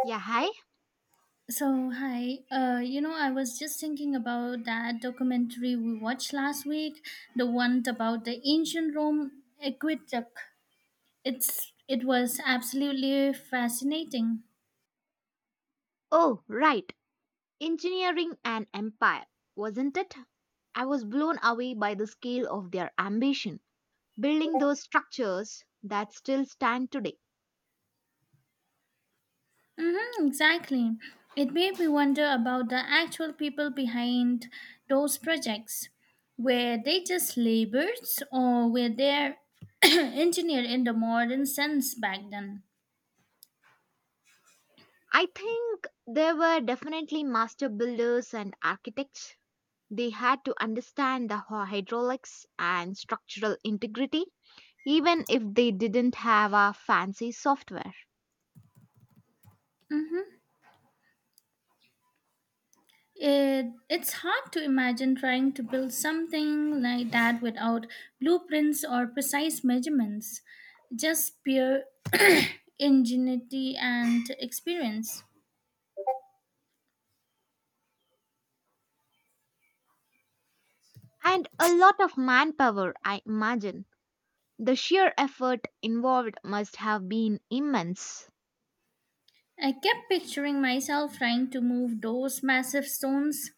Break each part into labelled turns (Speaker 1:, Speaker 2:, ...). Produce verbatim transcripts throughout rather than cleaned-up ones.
Speaker 1: Yeah, hi.
Speaker 2: So, hi. Uh, you know, I was just thinking about that documentary we watched last week, the one about the ancient Rome aqueduct. It's it was absolutely fascinating.
Speaker 1: Oh, right. Engineering an empire, wasn't it? I was blown away by the scale of their ambition, building those structures that still stand today.
Speaker 2: Mm-hmm, exactly. It made me wonder about the actual people behind those projects. Were they just laborers or were they engineered in the modern sense back then?
Speaker 1: I think they were definitely master builders and architects. They had to understand the hy- hydraulics and structural integrity, even if they didn't have a fancy software.
Speaker 2: It, it's hard to imagine trying to build something like that without blueprints or precise measurements, just pure ingenuity and experience.
Speaker 1: And a lot of manpower, I imagine. The sheer effort involved must have been immense.
Speaker 2: I kept picturing myself trying to move those massive stones.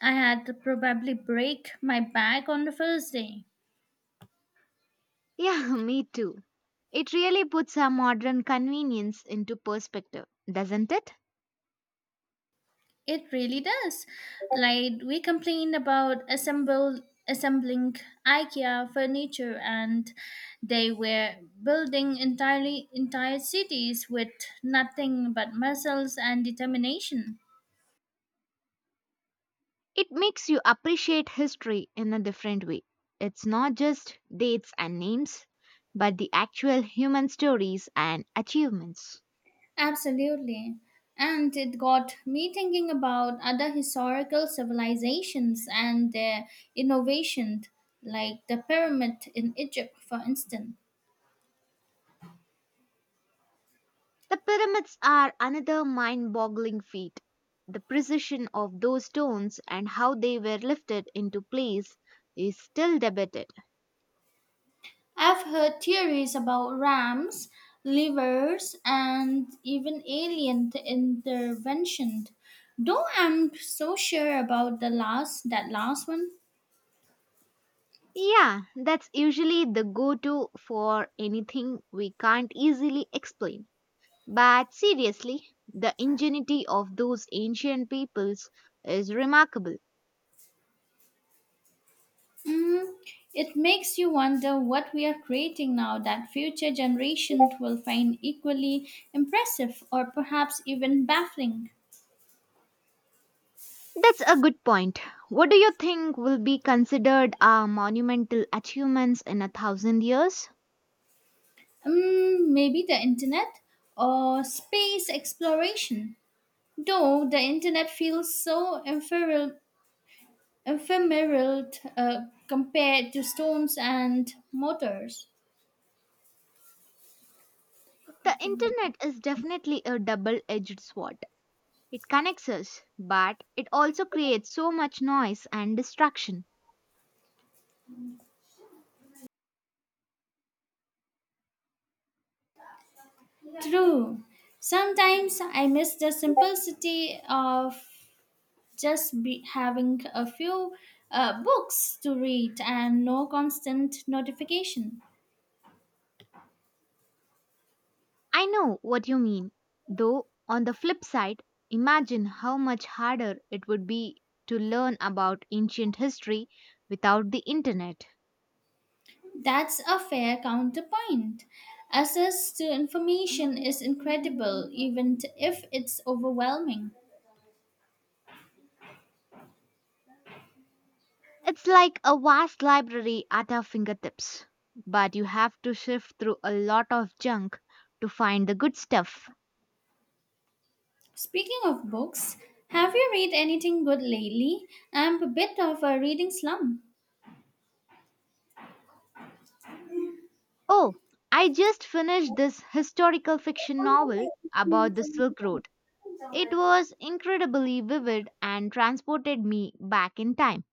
Speaker 2: I had to probably break my back on the first day.
Speaker 1: Yeah, me too. It really puts our modern convenience into perspective, doesn't it?
Speaker 2: It really does. Like we complain about assemble assembling IKEA furniture and they were building entirely entire cities with nothing but muscles and determination.
Speaker 1: It makes you appreciate history in a different way. It's not just dates and names, but the actual human stories and achievements.
Speaker 2: Absolutely. And it got me thinking about other historical civilizations and their innovations, like the pyramid in Egypt, for instance.
Speaker 1: The pyramids are another mind boggling feat. The precision of those stones and how they were lifted into place is still debated.
Speaker 2: I've heard theories about rams, livers, and even alien t- intervention. Though I'm so sure about the last that last one.
Speaker 1: Yeah, that's usually the go to for anything we can't easily explain. But seriously, the ingenuity of those ancient peoples is remarkable.
Speaker 2: Mm, it makes you wonder what we are creating now that future generations will find equally impressive or perhaps even baffling.
Speaker 1: That's a good point. What do you think will be considered our monumental achievements in a thousand years?
Speaker 2: Um, maybe the internet or space exploration. Though the internet feels so ephemeral. ephemeral uh, compared to storms and motors.
Speaker 1: The internet is definitely a double edged sword. It connects us, but it also creates so much noise and distraction.
Speaker 2: True. Sometimes I miss the simplicity of just be having a few uh, books to read and no constant notification.
Speaker 1: I know what you mean, though, on the flip side, imagine how much harder it would be to learn about ancient history without the internet.
Speaker 2: That's a fair counterpoint. Access to information is incredible, even t- if it's overwhelming.
Speaker 1: It's like a vast library at our fingertips, but you have to sift through a lot of junk to find the good stuff.
Speaker 2: Speaking of books, have you read anything good lately? I'm a bit of a reading slump.
Speaker 1: Oh, I just finished this historical fiction novel about the Silk Road. It was incredibly vivid and transported me back in time.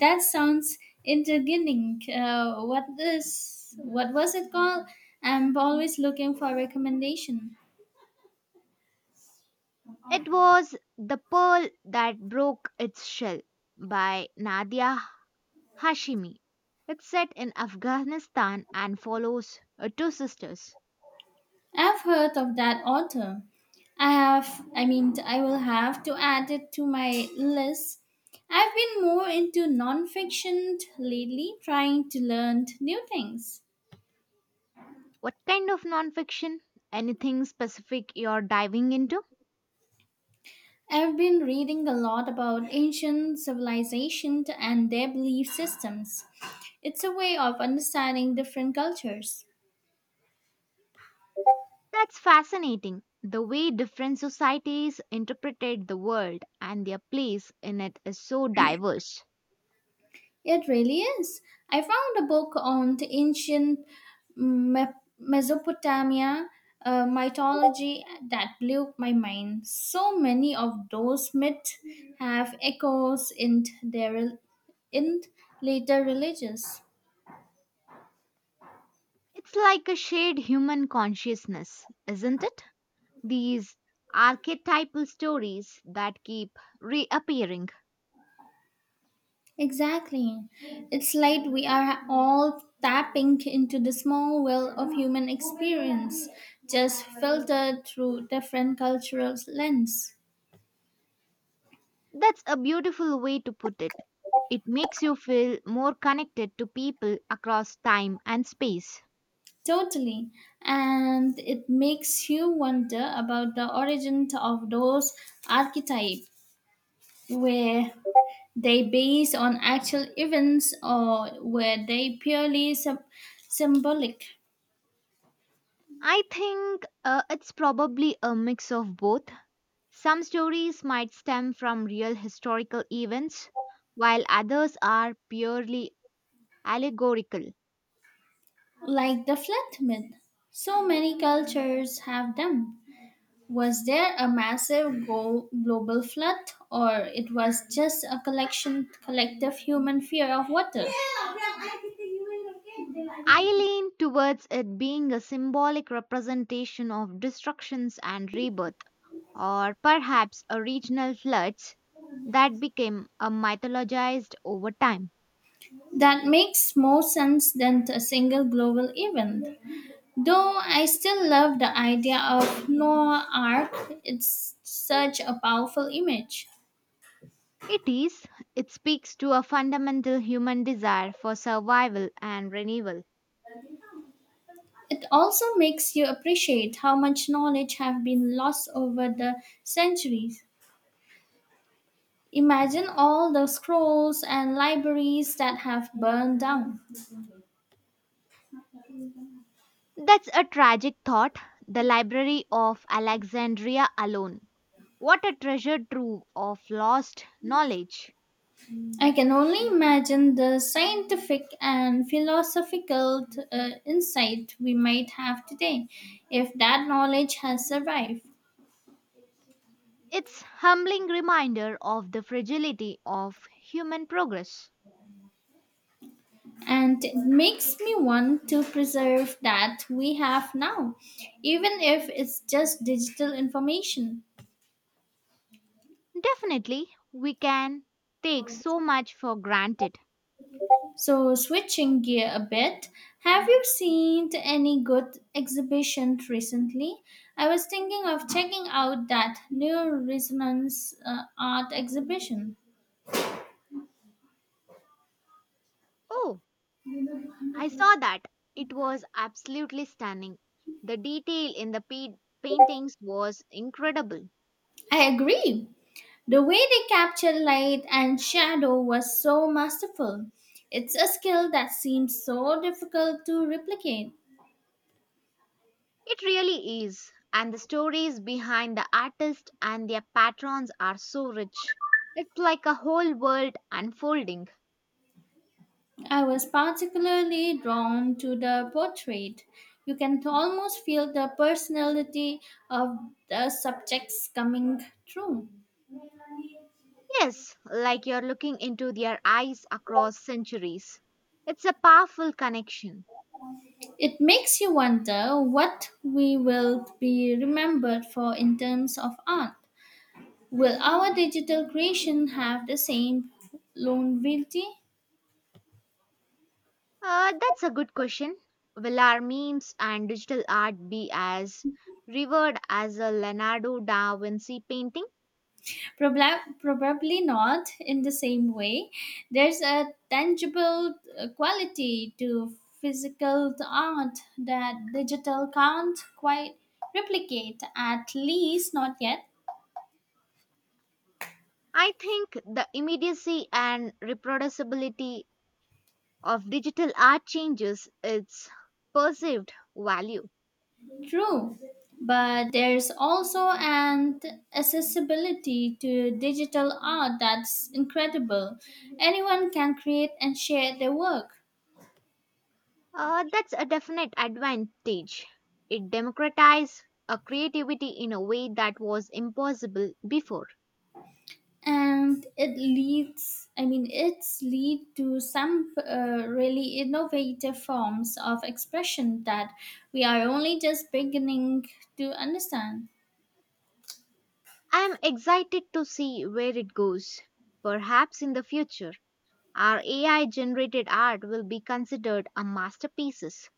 Speaker 2: That sounds intriguing. Uh, what is what was it called? I'm always looking for recommendation.
Speaker 1: It was The Pearl That Broke Its Shell by Nadia Hashimi. It's set in Afghanistan and follows uh, two sisters.
Speaker 2: I've heard of that author. I have, I mean, I will have to add it to my list. I've been more into nonfiction lately, trying to learn new things.
Speaker 1: What kind of nonfiction? Anything specific you're diving into?
Speaker 2: I've been reading a lot about ancient civilizations and their belief systems. It's a way of understanding different cultures.
Speaker 1: That's fascinating. The way different societies interpreted the world and their place in it is so diverse.
Speaker 2: It really is. I found a book on the ancient Me- Mesopotamia uh, mythology that blew my mind. So many of those myths have echoes in their in later religions.
Speaker 1: It's like a shared human consciousness, isn't it? These archetypal stories that keep reappearing.
Speaker 2: Exactly. It's like we are all tapping into the small well of human experience, just filtered through different cultural lens.
Speaker 1: That's a beautiful way to put it. It makes you feel more connected to people across time and space.
Speaker 2: Totally. And it makes you wonder about the origin of those archetypes. Were they based on actual events or were they purely sub- symbolic,
Speaker 1: I think uh, it's probably a mix of both. Some stories might stem from real historical events, while others are purely allegorical.
Speaker 2: like the flat myth? So many cultures have them. Was there a massive go- global flood, or it was just a collection, collective human fear of water?
Speaker 1: I lean towards it being a symbolic representation of destructions and rebirth, or perhaps a regional floods that became a mythologized over time.
Speaker 2: That makes more sense than a single global event. Though I still love the idea of Noah Ark, it's such a powerful image.
Speaker 1: It is, it speaks to a fundamental human desire for survival and renewal.
Speaker 2: It also makes you appreciate how much knowledge have been lost over the centuries. Imagine all the scrolls and libraries that have burned down.
Speaker 1: That's a tragic thought. The Library of Alexandria alone. What a treasure trove of lost knowledge.
Speaker 2: I can only imagine the scientific and philosophical uh, insight we might have today if that knowledge has survived.
Speaker 1: It's humbling reminder of the fragility of human progress.
Speaker 2: And it makes me want to preserve that we have now, even if it's just digital information.
Speaker 1: Definitely, we can take so much for granted.
Speaker 2: So, switching gear a bit, have you seen any good exhibition recently? I was thinking of checking out that new resonance uh, art exhibition.
Speaker 1: Oh, I saw that. It was absolutely stunning. The detail in the pa- paintings was incredible.
Speaker 2: I agree. The way they capture light and shadow was so masterful. It's a skill that seems so difficult to replicate.
Speaker 1: It really is. And the stories behind the artist and their patrons are so rich. It's like a whole world unfolding.
Speaker 2: I was particularly drawn to the portrait. You can almost feel the personality of the subjects coming through.
Speaker 1: Yes, like you're looking into their eyes across centuries. It's a powerful connection.
Speaker 2: It makes you wonder what we will be remembered for in terms of art. Will our digital creation have the same longevity?
Speaker 1: Uh, that's a good question. Will our memes and digital art be as revered as a Leonardo da Vinci painting?
Speaker 2: Probla- probably not in the same way. There's a tangible uh, quality to physical art that digital can't quite replicate, at least not yet.
Speaker 1: I think the immediacy and reproducibility of digital art changes its perceived value.
Speaker 2: True. But there's also an accessibility to digital art that's incredible. Anyone can create and share their work.
Speaker 1: Uh, that's a definite advantage. It democratizes a creativity in a way that was impossible before.
Speaker 2: And it leads i mean it's lead to some uh, really innovative forms of expression that we are only just beginning to understand.
Speaker 1: I am excited to see where it goes. Perhaps in the future our A I generated art will be considered a masterpieces.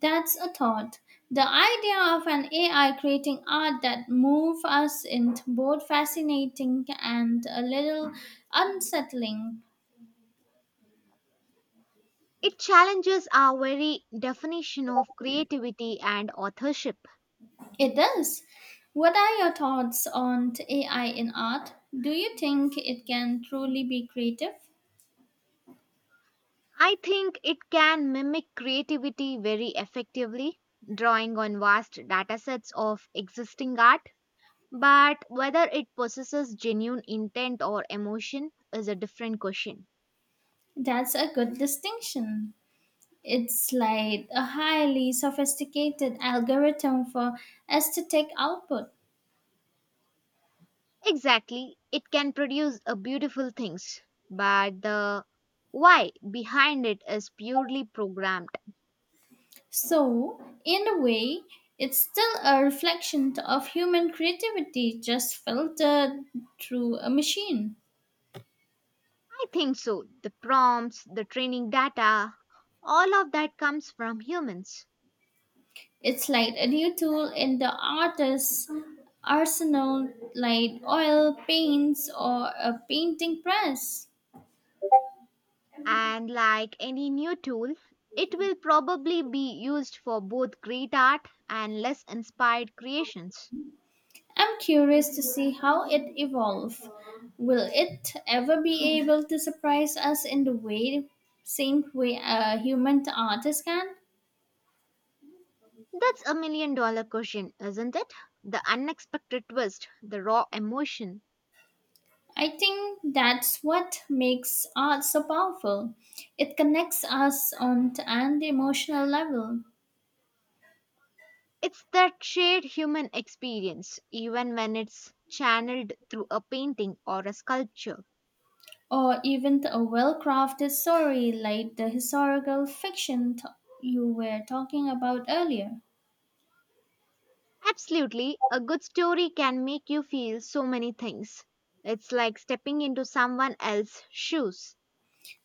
Speaker 2: That's a thought. The idea of an A I creating art that move us is both fascinating and a little unsettling.
Speaker 1: It challenges our very definition of creativity and authorship.
Speaker 2: It does. What are your thoughts on A I in art? Do you think it can truly be creative?
Speaker 1: I think it can mimic creativity very effectively, drawing on vast datasets of existing art. But whether it possesses genuine intent or emotion is a different question.
Speaker 2: That's a good distinction. It's like a highly sophisticated algorithm for aesthetic output.
Speaker 1: Exactly, it can produce a beautiful things, but the why behind it is purely programmed.
Speaker 2: So, in a way, it's still a reflection of human creativity just filtered through a machine.
Speaker 1: I think so. The prompts, the training data, all of that comes from humans.
Speaker 2: It's like a new tool in the artist's arsenal, like oil, paints, or a painting press.
Speaker 1: And like any new tool, it will probably be used for both great art and less inspired creations.
Speaker 2: I'm curious to see how it evolves. Will it ever be able to surprise us in the way, same way a human artist can?
Speaker 1: That's a million dollar question, isn't it? The unexpected twist, the raw emotion.
Speaker 2: I think that's what makes art so powerful. It connects us on an emotional level,
Speaker 1: It's that shared human experience, even when it's channeled through a painting or a sculpture.
Speaker 2: or even to a well-crafted story like the historical fiction t- you were talking about earlier.
Speaker 1: Absolutely, a good story can make you feel so many things. It's like stepping into someone else's shoes.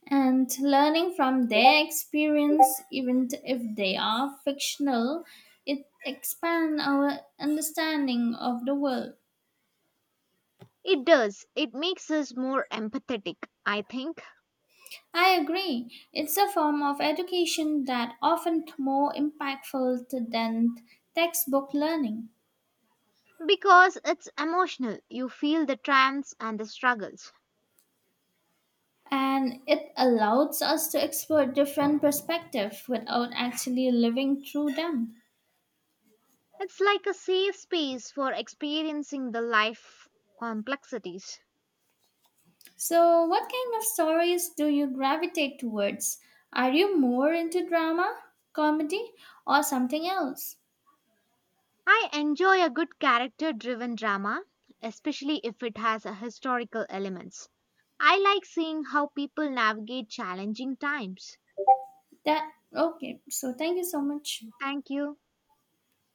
Speaker 2: And learning from their experience, even t- if they are fictional, it expands our understanding of the world.
Speaker 1: It does, it makes us more empathetic, I think,
Speaker 2: I agree. It's a form of education that often more impactful to- than textbook learning.
Speaker 1: because it's emotional. You feel the triumphs and the struggles.
Speaker 2: And it allows us to explore different perspectives without actually living through them.
Speaker 1: It's like a safe space for experiencing the life complexities.
Speaker 2: So, what kind of stories do you gravitate towards? Are you more into drama, comedy, or something else?
Speaker 1: I enjoy a good character driven drama, especially if it has a historical elements. I like seeing how people navigate challenging times.
Speaker 2: That okay. So, thank you so much.
Speaker 1: Thank you.